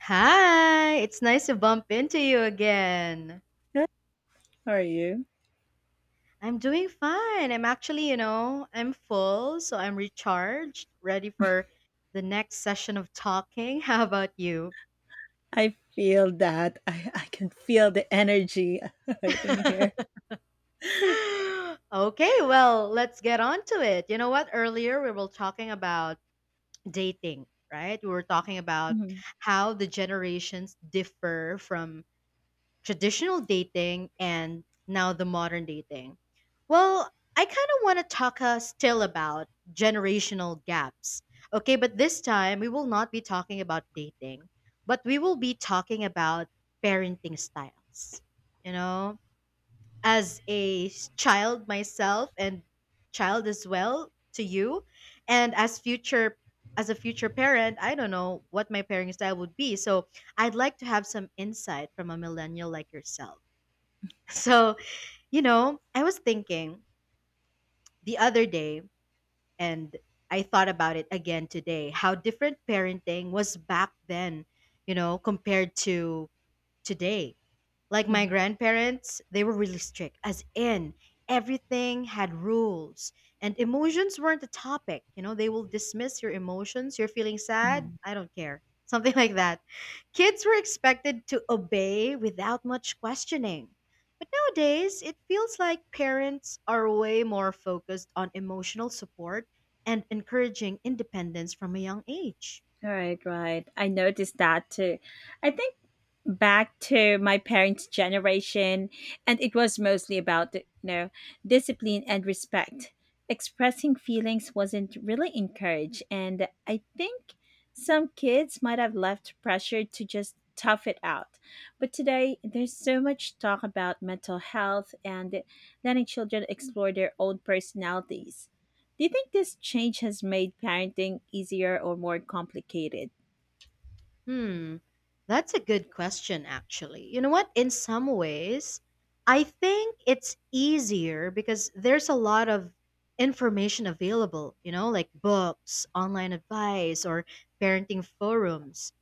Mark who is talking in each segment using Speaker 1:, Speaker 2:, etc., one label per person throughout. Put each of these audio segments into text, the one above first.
Speaker 1: Hi, it's nice to bump into you again.
Speaker 2: Good. How are you?
Speaker 1: I'm doing fine. I'm actually, you know, I'm full, so I'm recharged, ready for the next session of talking. How about you?
Speaker 2: I feel that. I can feel the energy right in here.
Speaker 1: Okay, well, let's get on to it. You know what? Earlier we were talking about dating, right? We were talking about
Speaker 2: Mhm,
Speaker 1: how the generations differ from traditional dating and now the modern dating. Well, I kind of want to talk still about generational gaps. Okay, but this time we will not be talking about dating, but we will be talking about parenting styles. You know? As child myself and child as well to you and as a future parent, I don't know what my parenting style would be, so I'd like to have some insight from a millennial like yourself. So you know, I was thinking the other day, and I thought about it again today how different parenting was back then, you know, compared to today. Like my
Speaker 2: mhm,
Speaker 1: grandparents, they were really strict, as in everything had rules and emotions weren't a topic. You know, they will dismiss your emotions. You're feeling sad?
Speaker 2: mhm.
Speaker 1: I don't care. Something like that. Kids were expected to obey without much questioning. But nowadays, it feels like parents are way more focused on emotional support and encouraging independence from a young age.
Speaker 2: Right, right. I noticed that too. I think back to my parents' generation, and it was mostly about discipline and respect. Expressing feelings wasn't really encouraged, and I think some kids might have left pressure to just tough it out. But today, there's so much talk about mental health and letting children explore their own personalities. Do you think this change has made parenting easier or more complicated?
Speaker 1: Hmm, that's a good question, actually. You know what? In some ways, I think it's easier because there's a lot of information available, you know, like books, online advice, or parenting forums.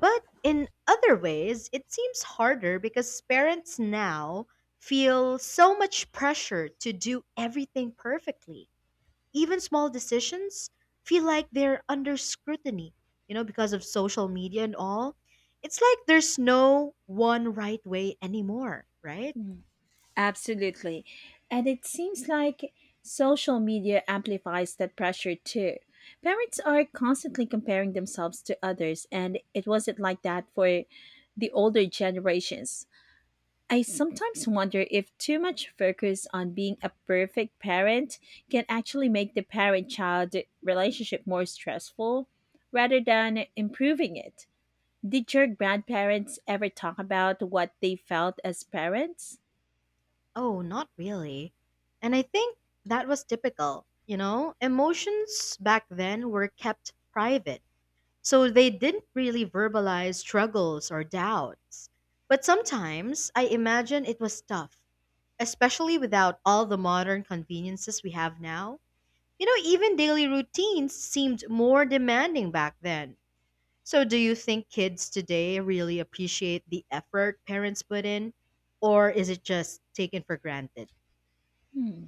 Speaker 1: But in other ways, it seems harder because parents now feel so much pressure to do everything perfectly. Even small decisions feel like they're under scrutiny, you know, because of social media and all. It's like there's no one right way anymore, right?
Speaker 2: Absolutely. And it seems like social media amplifies that pressure too. Parents are constantly comparing themselves to others, and it wasn't like that for the older generations. I sometimes wonder if too much focus on being a perfect parent can actually make the parent child relationship more stressful rather than improving it. Did your grandparents ever talk about what they felt as parents?
Speaker 1: Oh, not really. And I think that was typical, you know? Emotions back then were kept private, so they didn't really verbalize struggles or doubts. But sometimes I imagine it was tough, especially without all the modern conveniences we have now. You know, even daily routines seemed more demanding back then. So, do you think kids today really appreciate the effort parents put in, or is it just taken for granted?
Speaker 2: Hmm,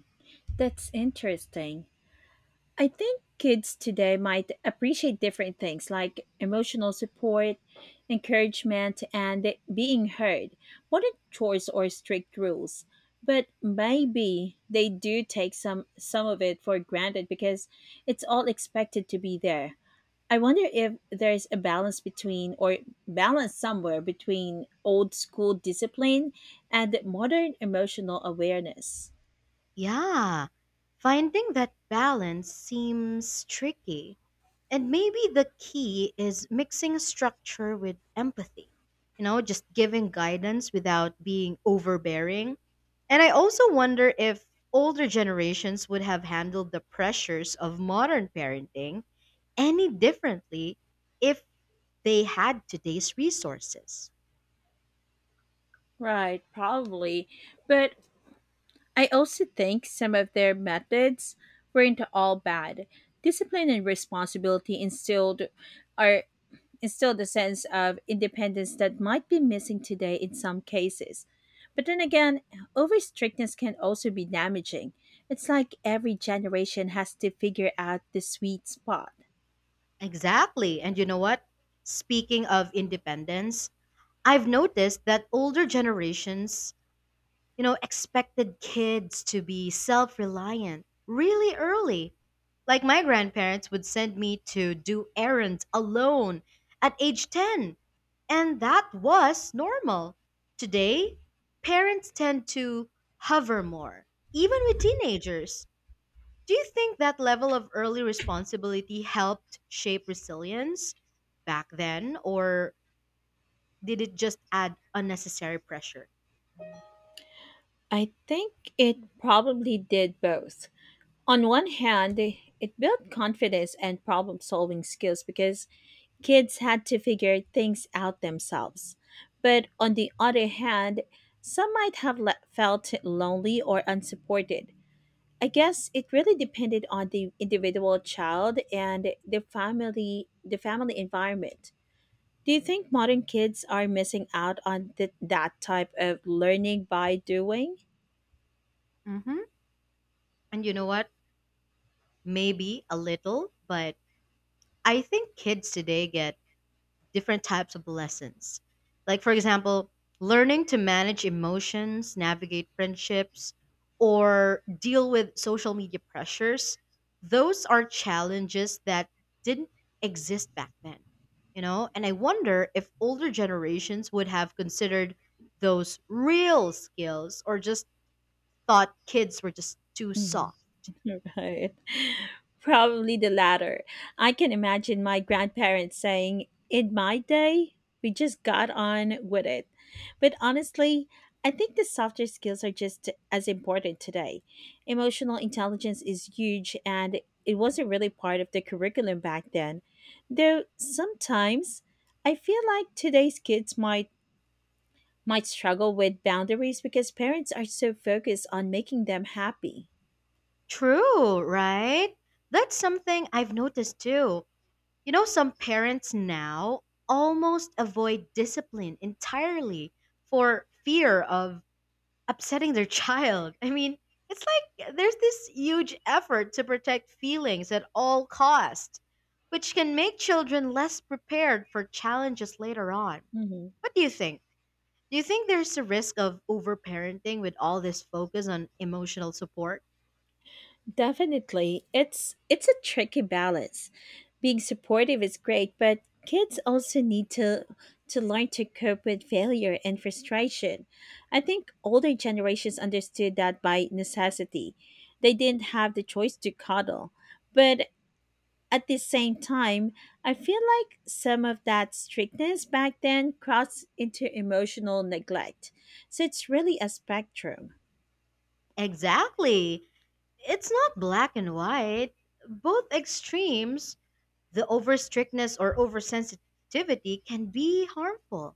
Speaker 2: that's interesting. I think kids today might appreciate different things like emotional support, encouragement, and being heard, more than chores or strict rules. But maybe they do take some of it for granted because it's all expected to be there. I wonder if there's a balance somewhere between old school discipline and modern emotional awareness.
Speaker 1: Yeah, finding that balance seems tricky. And maybe the key is mixing structure with empathy. You know, just giving guidance without being overbearing. And I also wonder if older generations would have handled the pressures of modern parenting any differently if they had today's resources.
Speaker 2: Right, probably. But I also think some of their methods weren't all bad. Discipline and responsibility are instilled a sense of independence that might be missing today in some cases. But then again, over strictness can also be damaging. It's like every generation has to figure out the sweet spot.
Speaker 1: Exactly. And you know what? Speaking of independence, I've noticed that older generations, you know, expected kids to be self reliant really early. Like my grandparents would send me to do errands alone at age 10, and that was normal. Today, parents tend to hover more, even with teenagers. Do you think that level of early responsibility helped shape resilience back then, or did it just add unnecessary pressure?
Speaker 2: I think it probably did both. On one hand, it built confidence and problem solving skills because kids had to figure things out themselves. But on the other hand, some might have felt lonely or unsupported. I guess it really depended on the individual child and the family environment. Do you think modern kids are missing out on that type of learning by doing?
Speaker 1: hmm And you know what? Maybe a little, but I think kids today get different types of lessons. Like, for example, learning to manage emotions, navigate friendships, or deal with social media pressures. Those are challenges that didn't exist back then, you know? And I wonder if older generations would have considered those real skills or just thought kids were just too
Speaker 2: Mhm.
Speaker 1: soft.
Speaker 2: Right. Probably the latter. I can imagine my grandparents saying, "In my day, we just got on with it." But honestly, I think the softer skills are just as important today. Emotional intelligence is huge and it wasn't really part of the curriculum back then. Though sometimes I feel like today's kids might struggle with boundaries because parents are so focused on making them happy.
Speaker 1: True, right? That's something I've noticed too. You know, some parents now almost avoid discipline entirely for fear of upsetting their child. I mean, it's like there's this huge effort to protect feelings at all cost, which can make children less prepared for challenges later on.
Speaker 2: Mhm.
Speaker 1: What do you think? Do you think there's a risk of overparenting with all this focus on emotional support?
Speaker 2: Definitely. It's a tricky balance. Being supportive is great, but kids also need to learn to cope with failure and frustration. I think older generations understood that by necessity. They didn't have the choice to coddle. But at the same time, I feel like some of that strictness back then crossed into emotional neglect. So it's really a spectrum.
Speaker 1: Exactly. It's not black and white. Both extremes, the over strictness or oversensitivity, can be harmful.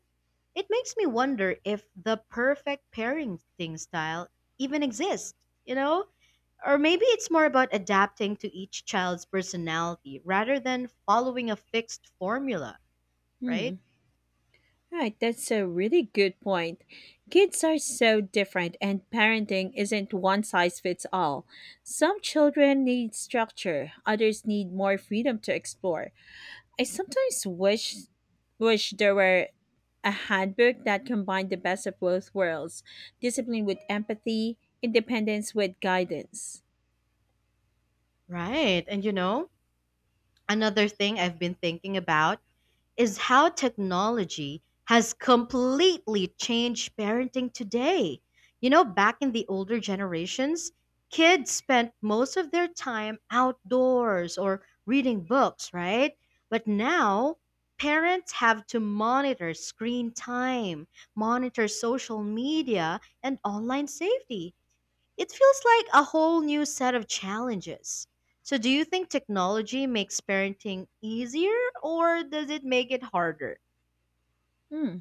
Speaker 1: It makes me wonder if the perfect parenting style even exists, you know? Or maybe it's more about adapting to each child's personality rather than following a fixed formula,
Speaker 2: Hmm.
Speaker 1: right?
Speaker 2: Right, that's a really good point. Kids are so different, and parenting isn't one size fits all. Some children need structure, others need more freedom to explore. I sometimes wish there were a handbook that combined the best of both worlds discipline with empathy, independence with guidance.
Speaker 1: Right. And you know, another thing I've been thinking about is how technology has completely changed parenting today. You know, back in the older generations, kids spent most of their time outdoors or reading books, right? But now, parents have to monitor screen time, monitor social media, and online safety. It feels like a whole new set of challenges. So, do you think technology makes parenting easier or does it make it harder?
Speaker 2: Hmm.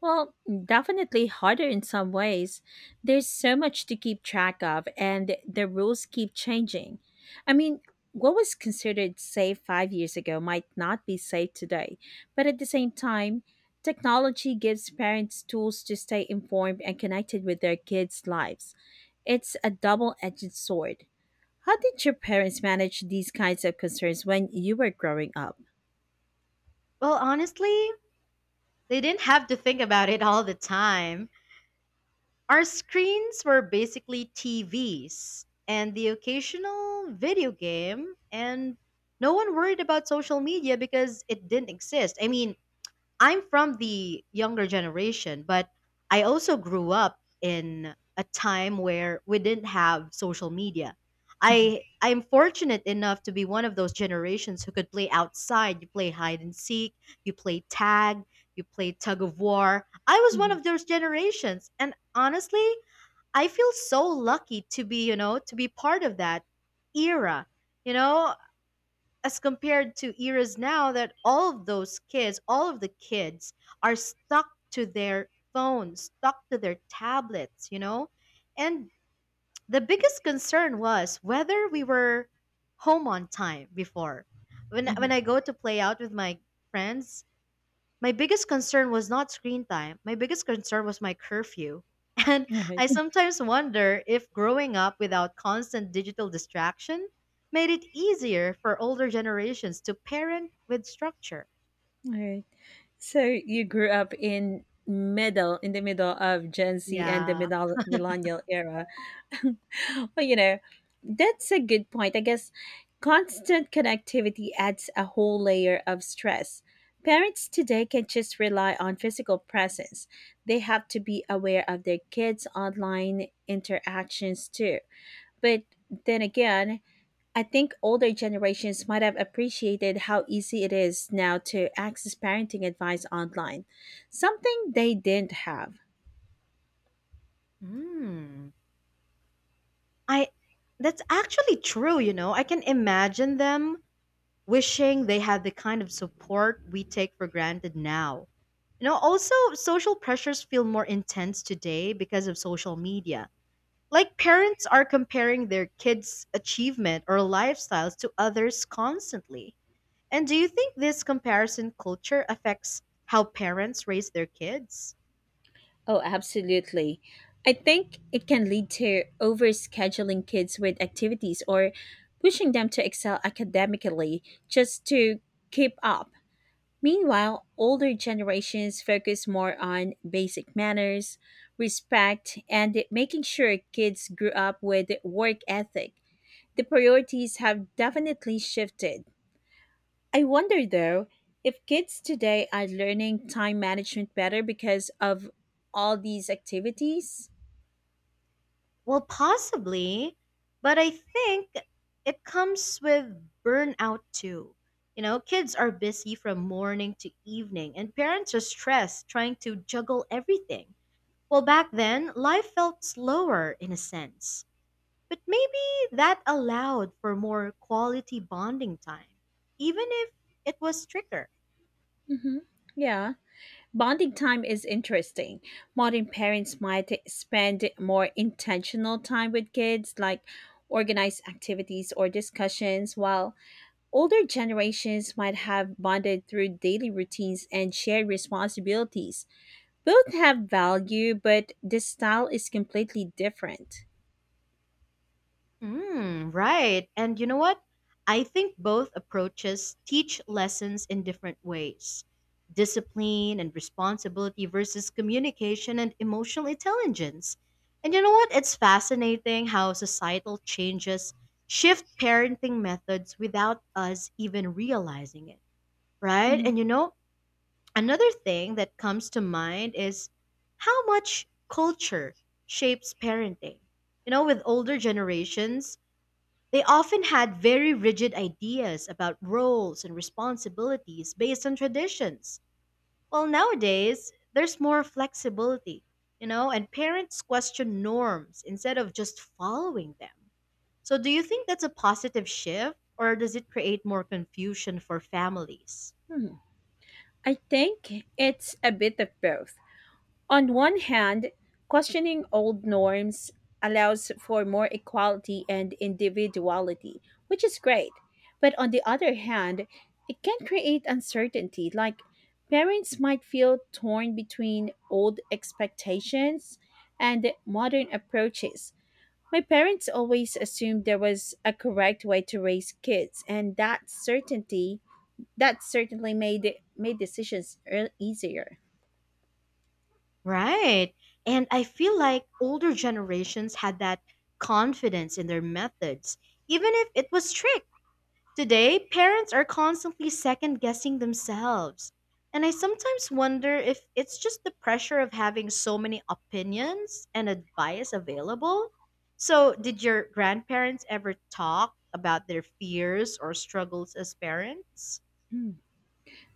Speaker 2: Well, definitely harder in some ways. There's so much to keep track of, and the rules keep changing. I mean, what was considered safe 5 years ago might not be safe today. But at the same time, technology gives parents tools to stay informed and connected with their kids' lives. It's a double edged sword. How did your parents manage these kinds of concerns when you were growing up?
Speaker 1: Well, honestly, they didn't have to think about it all the time. Our screens were basically TVs and the occasional video game, and no one worried about social media because it didn't exist. I mean, I'm from the younger generation, but I also grew up in a time where we didn't have social media.
Speaker 2: Mhm,
Speaker 1: I'm fortunate enough to be one of those generations who could play outside. You play hide and seek, you play tag, you play tug of war. I was one
Speaker 2: mhm,
Speaker 1: of those generations, and honestly, I feel so lucky to be, you know, to be part of that era. You know, as compared to eras now that all of those kids, all of the kids are stuck to their phones, stuck to their tablets, you know? And the biggest concern was whether we were home on time before. When
Speaker 2: mhm.
Speaker 1: I go to play out with my friends, my biggest concern was not screen time. My biggest concern was my curfew. And
Speaker 2: All
Speaker 1: I
Speaker 2: right,
Speaker 1: sometimes wonder if growing up without constant digital distraction made it easier for older generations to parent with structure.
Speaker 2: all right. So you grew up in the middle of Gen Z and the
Speaker 1: Yeah.
Speaker 2: middle millennial era. Well, that's a good point. I guess constant connectivity adds a whole layer of stress. Parents today can just rely on physical presence. They have to be aware of their kids' online interactions too. But then again, I think older generations might have appreciated how easy it is now to access parenting advice online, something they didn't have.
Speaker 1: Mm. I That's actually true, you know. I can imagine them wishing they had the kind of support we take for granted now. You know, also social pressures feel more intense today because of social media. Like parents are comparing their kids' achievement or lifestyles to others constantly. And do you think this comparison culture affects how parents raise their kids?
Speaker 2: Oh, absolutely. I think it can lead to overscheduling kids with activities or pushing them to excel academically just to keep up. Meanwhile, older generations focus more on basic manners, respect, and making sure kids grew up with work ethic. The priorities have definitely shifted. I wonder though if kids today are learning time management better because of all these activities.
Speaker 1: Well, possibly, but I think it comes with burnout too. You know, kids are busy from morning to evening, and parents are stressed trying to juggle everything. Well, back then, life felt slower in a sense. But maybe that allowed for more quality bonding time, even if it was stricter.
Speaker 2: Hmm. Yeah. Bonding time is interesting. Modern parents might spend more intentional time with kids, like organized activities or discussions, while older generations might have bonded through daily routines and shared responsibilities. Both have value, but the style is completely different.
Speaker 1: Mm, right. And you know what? I think both approaches teach lessons in different ways, discipline and responsibility versus communication and emotional intelligence. And you know what? It's fascinating how societal changes shift parenting methods without us even realizing it, right?
Speaker 2: Mhm.
Speaker 1: And you know, another thing that comes to mind is how much culture shapes parenting. You know, with older generations, they often had very rigid ideas about roles and responsibilities based on traditions. Well, nowadays, there's more flexibility, you know, and parents question norms instead of just following them. So, do you think that's a positive shift or does it create more confusion for families?
Speaker 2: Hmm. I think it's a bit of both. On one hand, questioning old norms allows for more equality and individuality, which is great. But on the other hand, it can create uncertainty, like parents might feel torn between old expectations and modern approaches. My parents always assumed there was a correct way to raise kids, and that certainly made decisions easier.
Speaker 1: Right. And I feel like older generations had that confidence in their methods, even if it was strict. Today, parents are constantly second guessing themselves. And I sometimes wonder if it's just the pressure of having so many opinions and advice available. So, did your grandparents ever talk about their fears or struggles as parents?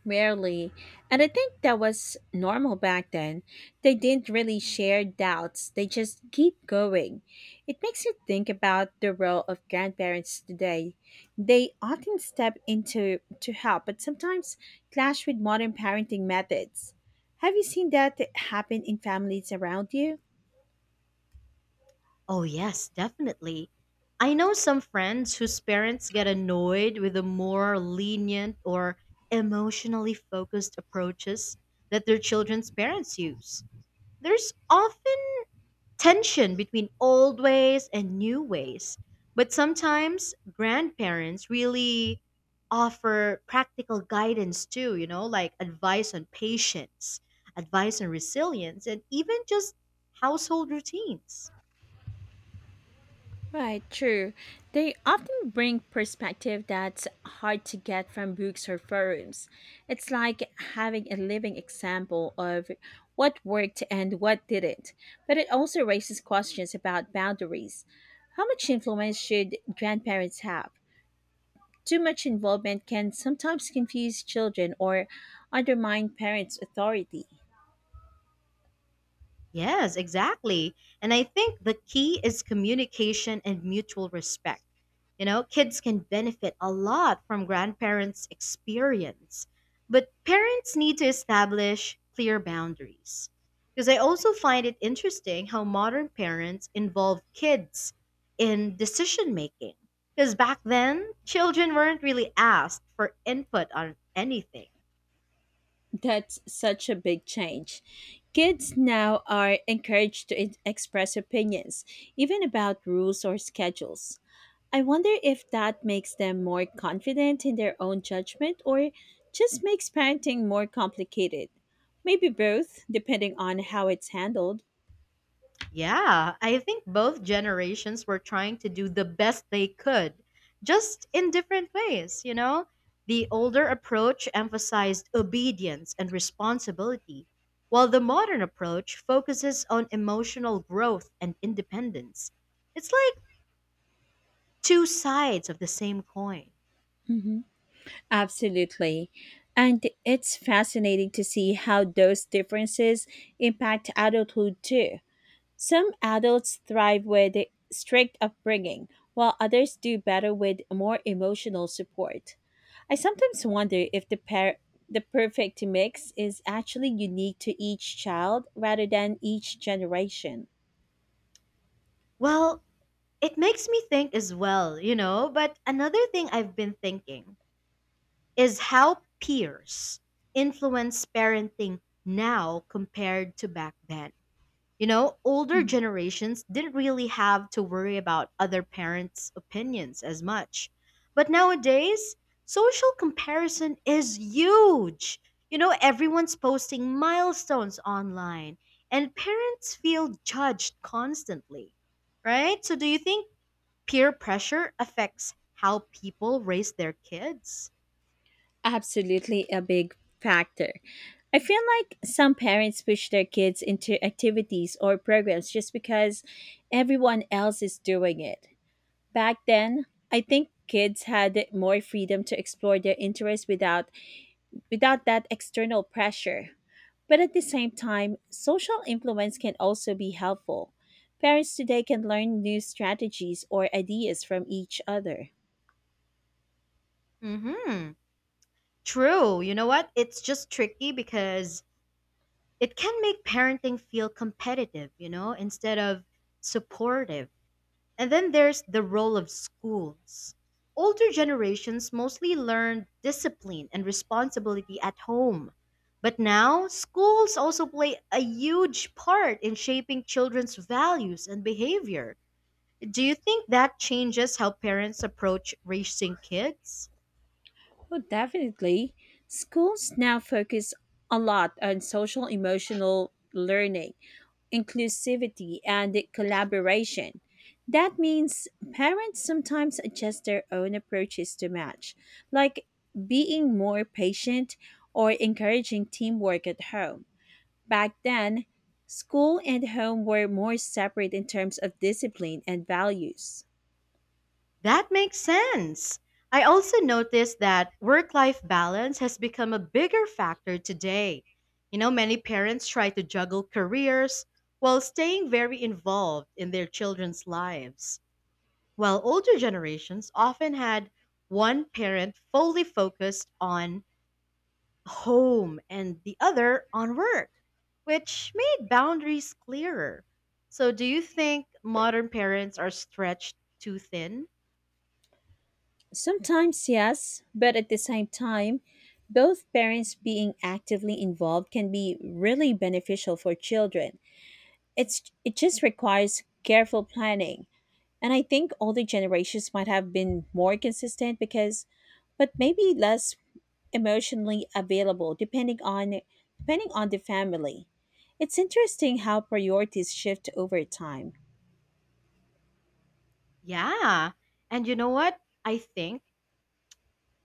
Speaker 2: Rarely. And I think that was normal back then. They didn't really share doubts, they just keep going. It makes you think about the role of grandparents today. They often step into to help, but sometimes clash with modern parenting methods. Have you seen that happen in families around you?
Speaker 1: Oh, yes, definitely. I know some friends whose parents get annoyed with the more lenient or emotionally focused approaches that their children's parents use. There's often tension between old ways and new ways, but sometimes grandparents really offer practical guidance too, you know, like advice on patience, advice on resilience, and even just household routines.
Speaker 2: Right, true. They often bring perspective that's hard to get from books or forums. It's like having a living example of what worked and what didn't. But it also raises questions about boundaries. How much influence should grandparents have? Too much involvement can sometimes confuse children or undermine parents' authority.
Speaker 1: Yes, exactly. And I think the key is communication and mutual respect. You know, kids can benefit a lot from grandparents' experience, but parents need to establish clear boundaries. Because I also find it interesting how modern parents involve kids in decision making. Because back then, children weren't really asked for input on anything.
Speaker 2: That's such a big change. Kids now are encouraged to express opinions, even about rules or schedules. I wonder if that makes them more confident in their own judgment or just makes parenting more complicated. Maybe both, depending on how it's handled.
Speaker 1: Yeah, I think both generations were trying to do the best they could, just in different ways, you know? The older approach emphasized obedience and responsibility, while the modern approach focuses on emotional growth and independence. It's like two sides of the same coin.
Speaker 2: Mhm. Absolutely. And it's fascinating to see how those differences impact adulthood too. Some adults thrive with the strict upbringing, while others do better with more emotional support. I sometimes wonder if the the perfect mix is actually unique to each child rather than each generation.
Speaker 1: Well, it makes me think as well, you know? But another thing I've been thinking is how peers influence parenting now compared to back then. You know, older
Speaker 2: Mhm.
Speaker 1: generations didn't really have to worry about other parents' opinions as much. But nowadays, social comparison is huge. You know, everyone's posting milestones online, and parents feel judged constantly, right? So, do you think peer pressure affects how people raise their kids?
Speaker 2: Absolutely a big factor. I feel like some parents push their kids into activities or programs just because everyone else is doing it. Back then, I think kids had more freedom to explore their interests without that external pressure. But at the same time, social influence can also be helpful. Parents today can learn new strategies or ideas from each other.
Speaker 1: Mm hmm. True. You know what? It's just tricky because it can make parenting feel competitive, you know, instead of supportive. And then there's the role of schools. Older generations mostly learned discipline and responsibility at home. But now, schools also play a huge part in shaping children's values and behavior. Do you think that changes how parents approach raising kids?
Speaker 2: Well, definitely. Schools now focus a lot on social emotional learning, inclusivity and collaboration. That means parents sometimes adjust their own approaches to match, like being more patient or encouraging teamwork at home. Back then, school and home were more separate in terms of discipline and values.
Speaker 1: That makes sense. I also noticed that work life balance has become a bigger factor today. You know, many parents try to juggle careers while staying very involved in their children's lives, while older generations often had one parent fully focused on home and the other on work, which made boundaries clearer. So, do you think modern parents are stretched too thin?
Speaker 2: Sometimes, yes, but at the same time, both parents being actively involved can be really beneficial for children. It just requires careful planning. And I think older generations might have been more consistent because but maybe less emotionally available depending on the family. It's interesting how priorities shift over time.
Speaker 1: Yeah. And you know what? I think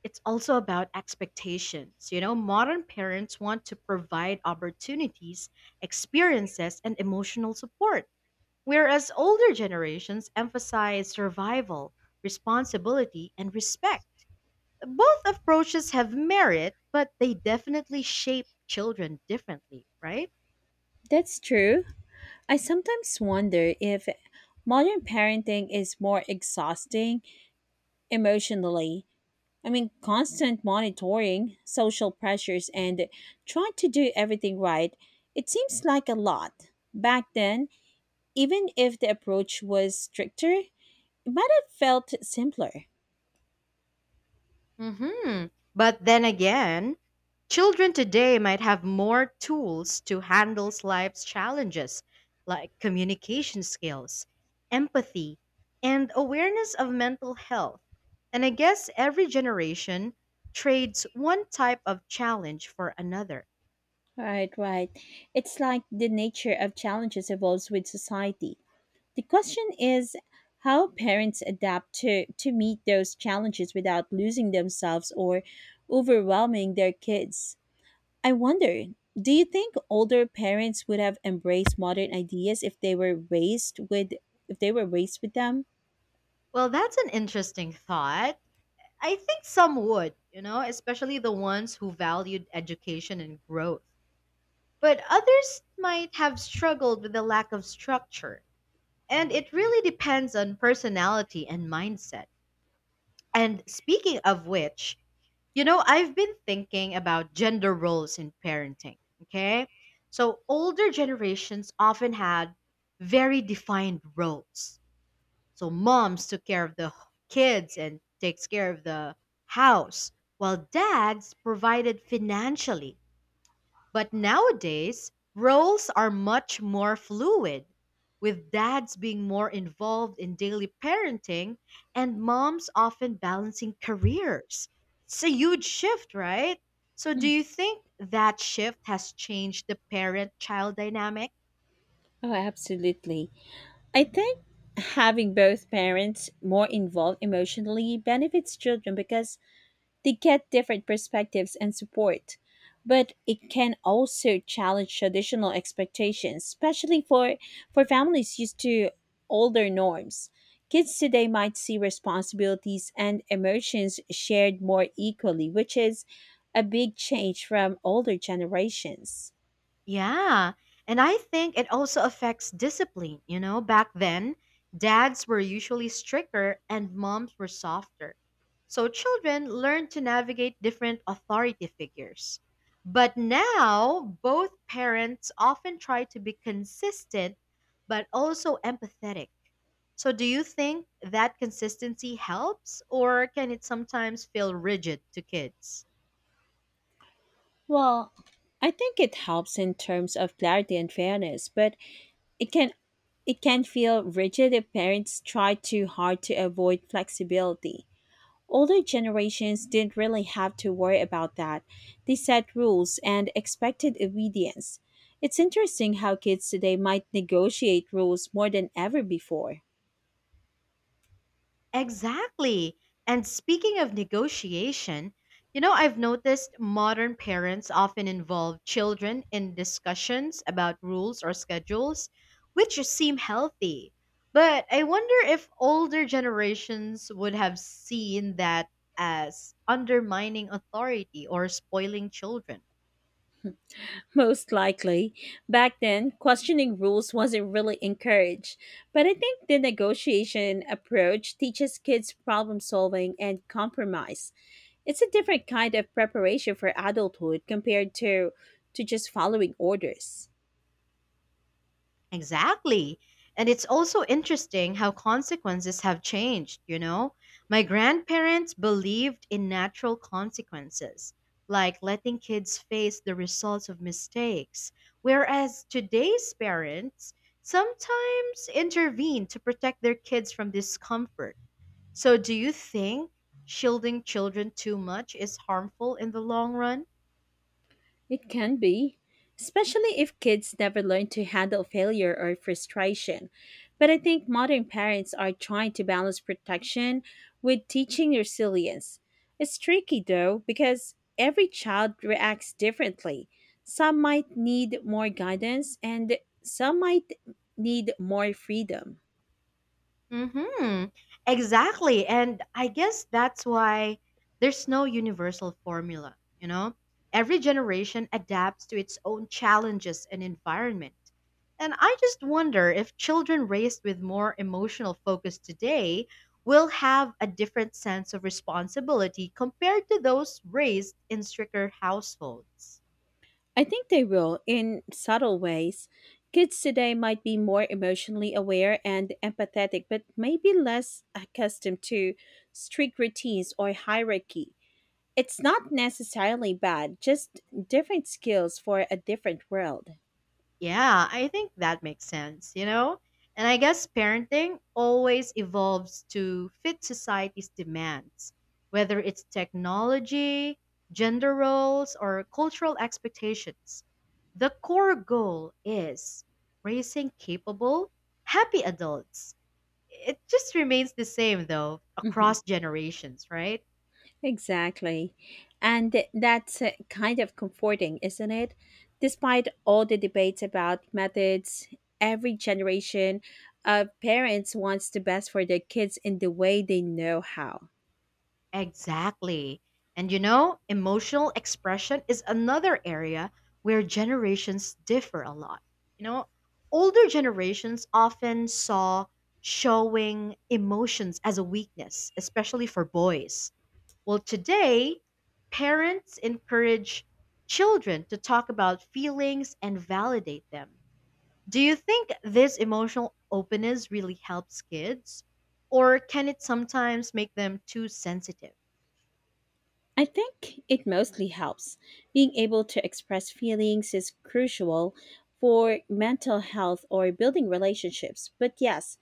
Speaker 1: it's also about expectations. You know, modern parents want to provide opportunities, experiences, and emotional support, whereas older generations emphasize survival, responsibility, and respect. Both approaches have merit, but they definitely shape children differently, right?
Speaker 2: That's true. I sometimes wonder if modern parenting is more exhausting emotionally. I mean, constant monitoring, social pressures, and trying to do everything right, it seems like a lot. Back then, even if the approach was stricter, it might have felt simpler.
Speaker 1: Hmm. But then again, children today might have more tools to handle life's challenges, like communication skills, empathy, and awareness of mental health. And I guess every generation trades one type of challenge for another.
Speaker 2: Right, right. It's like the nature of challenges evolves with society. The question is how parents adapt to meet those challenges without losing themselves or overwhelming their kids. I wonder, do you think older parents would have embraced modern ideas if they were raised with if they were raised with them?
Speaker 1: Well, that's an interesting thought. I think some would, you know, especially the ones who valued education and growth. But others might have struggled with the lack of structure. And it really depends on personality and mindset. And speaking of which, you know, I've been thinking about gender roles in parenting. Okay. So older generations often had very defined roles. So moms took care of the kids and takes care of the house, while dads provided financially, but nowadays, roles are much more fluid, with dads being more involved in daily parenting and moms often balancing careers. It's a huge shift, right? So, do
Speaker 2: Mm.
Speaker 1: you think that shift has changed the parent child dynamic?
Speaker 2: Oh, absolutely. I think having both parents more involved emotionally benefits children because they get different perspectives and support, but it can also challenge traditional expectations, especially for families used to older norms. Kids today might see responsibilities and emotions shared more equally, which is a big change from older generations.
Speaker 1: Yeah. And I think it also affects discipline. You know, back then, dads were usually stricter and moms were softer. So children learn to navigate different authority figures. But now, both parents often try to be consistent but also empathetic. So, do you think that consistency helps, or can it sometimes feel rigid to kids?
Speaker 2: Well, I think it helps in terms of clarity and fairness, but it can it can feel rigid if parents try too hard to avoid flexibility. Older generations didn't really have to worry about that. They set rules and expected obedience. It's interesting how kids today might negotiate rules more than ever before.
Speaker 1: Exactly. And speaking of negotiation, you know, I've noticed modern parents often involve children in discussions about rules or schedules, which seem healthy. But I wonder if older generations would have seen that as undermining authority or spoiling children.
Speaker 2: Most likely. Back then, questioning rules wasn't really encouraged. But I think the negotiation approach teaches kids problem solving and compromise. It's a different kind of preparation for adulthood compared to just following orders.
Speaker 1: Exactly. And it's also interesting how consequences have changed, you know? My grandparents believed in natural consequences, like letting kids face the results of mistakes, whereas today's parents sometimes intervene to protect their kids from discomfort. So, do you think shielding children too much is harmful in the long run?
Speaker 2: It can be, especially if kids never learn to handle failure or frustration. But I think modern parents are trying to balance protection with teaching resilience. It's tricky though, because every child reacts differently. Some might need more guidance, and some might need more freedom.
Speaker 1: Mm-hmm. Exactly. And I guess that's why there's no universal formula, you know? Every generation adapts to its own challenges and environment. And I just wonder if children raised with more emotional focus today will have a different sense of responsibility compared to those raised in stricter households.
Speaker 2: I think they will in subtle ways. Kids today might be more emotionally aware and empathetic, but maybe less accustomed to strict routines or hierarchy. It's not necessarily bad, just different skills for a different world.
Speaker 1: Yeah, I think that makes sense, you know? And I guess parenting always evolves to fit society's demands, whether it's technology, gender roles, or cultural expectations. The core goal is raising capable, happy adults. It just remains the same, though,
Speaker 2: Mhm.
Speaker 1: across generations, right?
Speaker 2: Exactly. And that's kind of comforting, isn't it? Despite all the debates about methods, every generation of parents wants the best for their kids in the way they know how.
Speaker 1: Exactly. And you know, emotional expression is another area where generations differ a lot. You know, older generations often saw showing emotions as a weakness, especially for boys. Well, today, parents encourage children to talk about feelings and validate them. Do you think this emotional openness really helps kids? Or can it sometimes make them too sensitive?
Speaker 2: I think it mostly helps. Being able to express feelings is crucial for mental health or building relationships. But yes,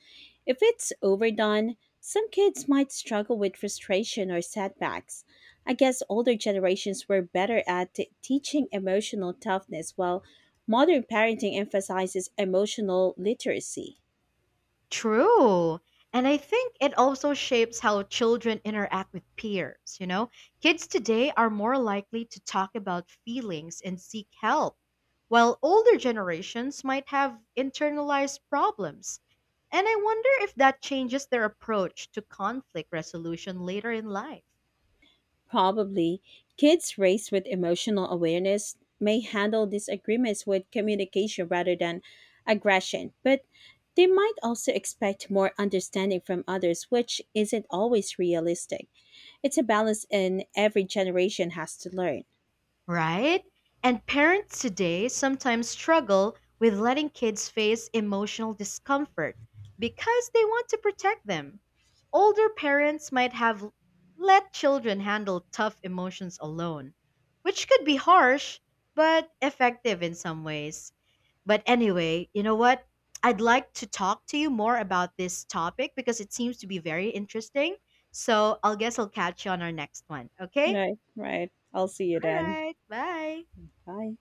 Speaker 2: if it's overdone, some kids might struggle with frustration or setbacks. I guess older generations were better at teaching emotional toughness, while modern parenting emphasizes emotional literacy.
Speaker 1: True. And I think it also shapes how children interact with peers. You know, kids today are more likely to talk about feelings and seek help, while older generations might have internalized problems. And I wonder if that changes their approach to conflict resolution later in life.
Speaker 2: Probably, kids raised with emotional awareness may handle disagreements with communication rather than aggression, but they might also expect more understanding from others, which isn't always realistic. It's a balance, and every generation has to learn.
Speaker 1: Right? And parents today sometimes struggle with letting kids face emotional discomfort because they want to protect them. Older parents might have let children handle tough emotions alone, which could be harsh, but effective in some ways. But anyway, you know what? I'd like to talk to you more about this topic because it seems to be very interesting. So I'll guess I'll catch you on our next one. Okay?
Speaker 2: Right, right. I'll see you
Speaker 1: All
Speaker 2: then.
Speaker 1: right. Bye.
Speaker 2: Bye.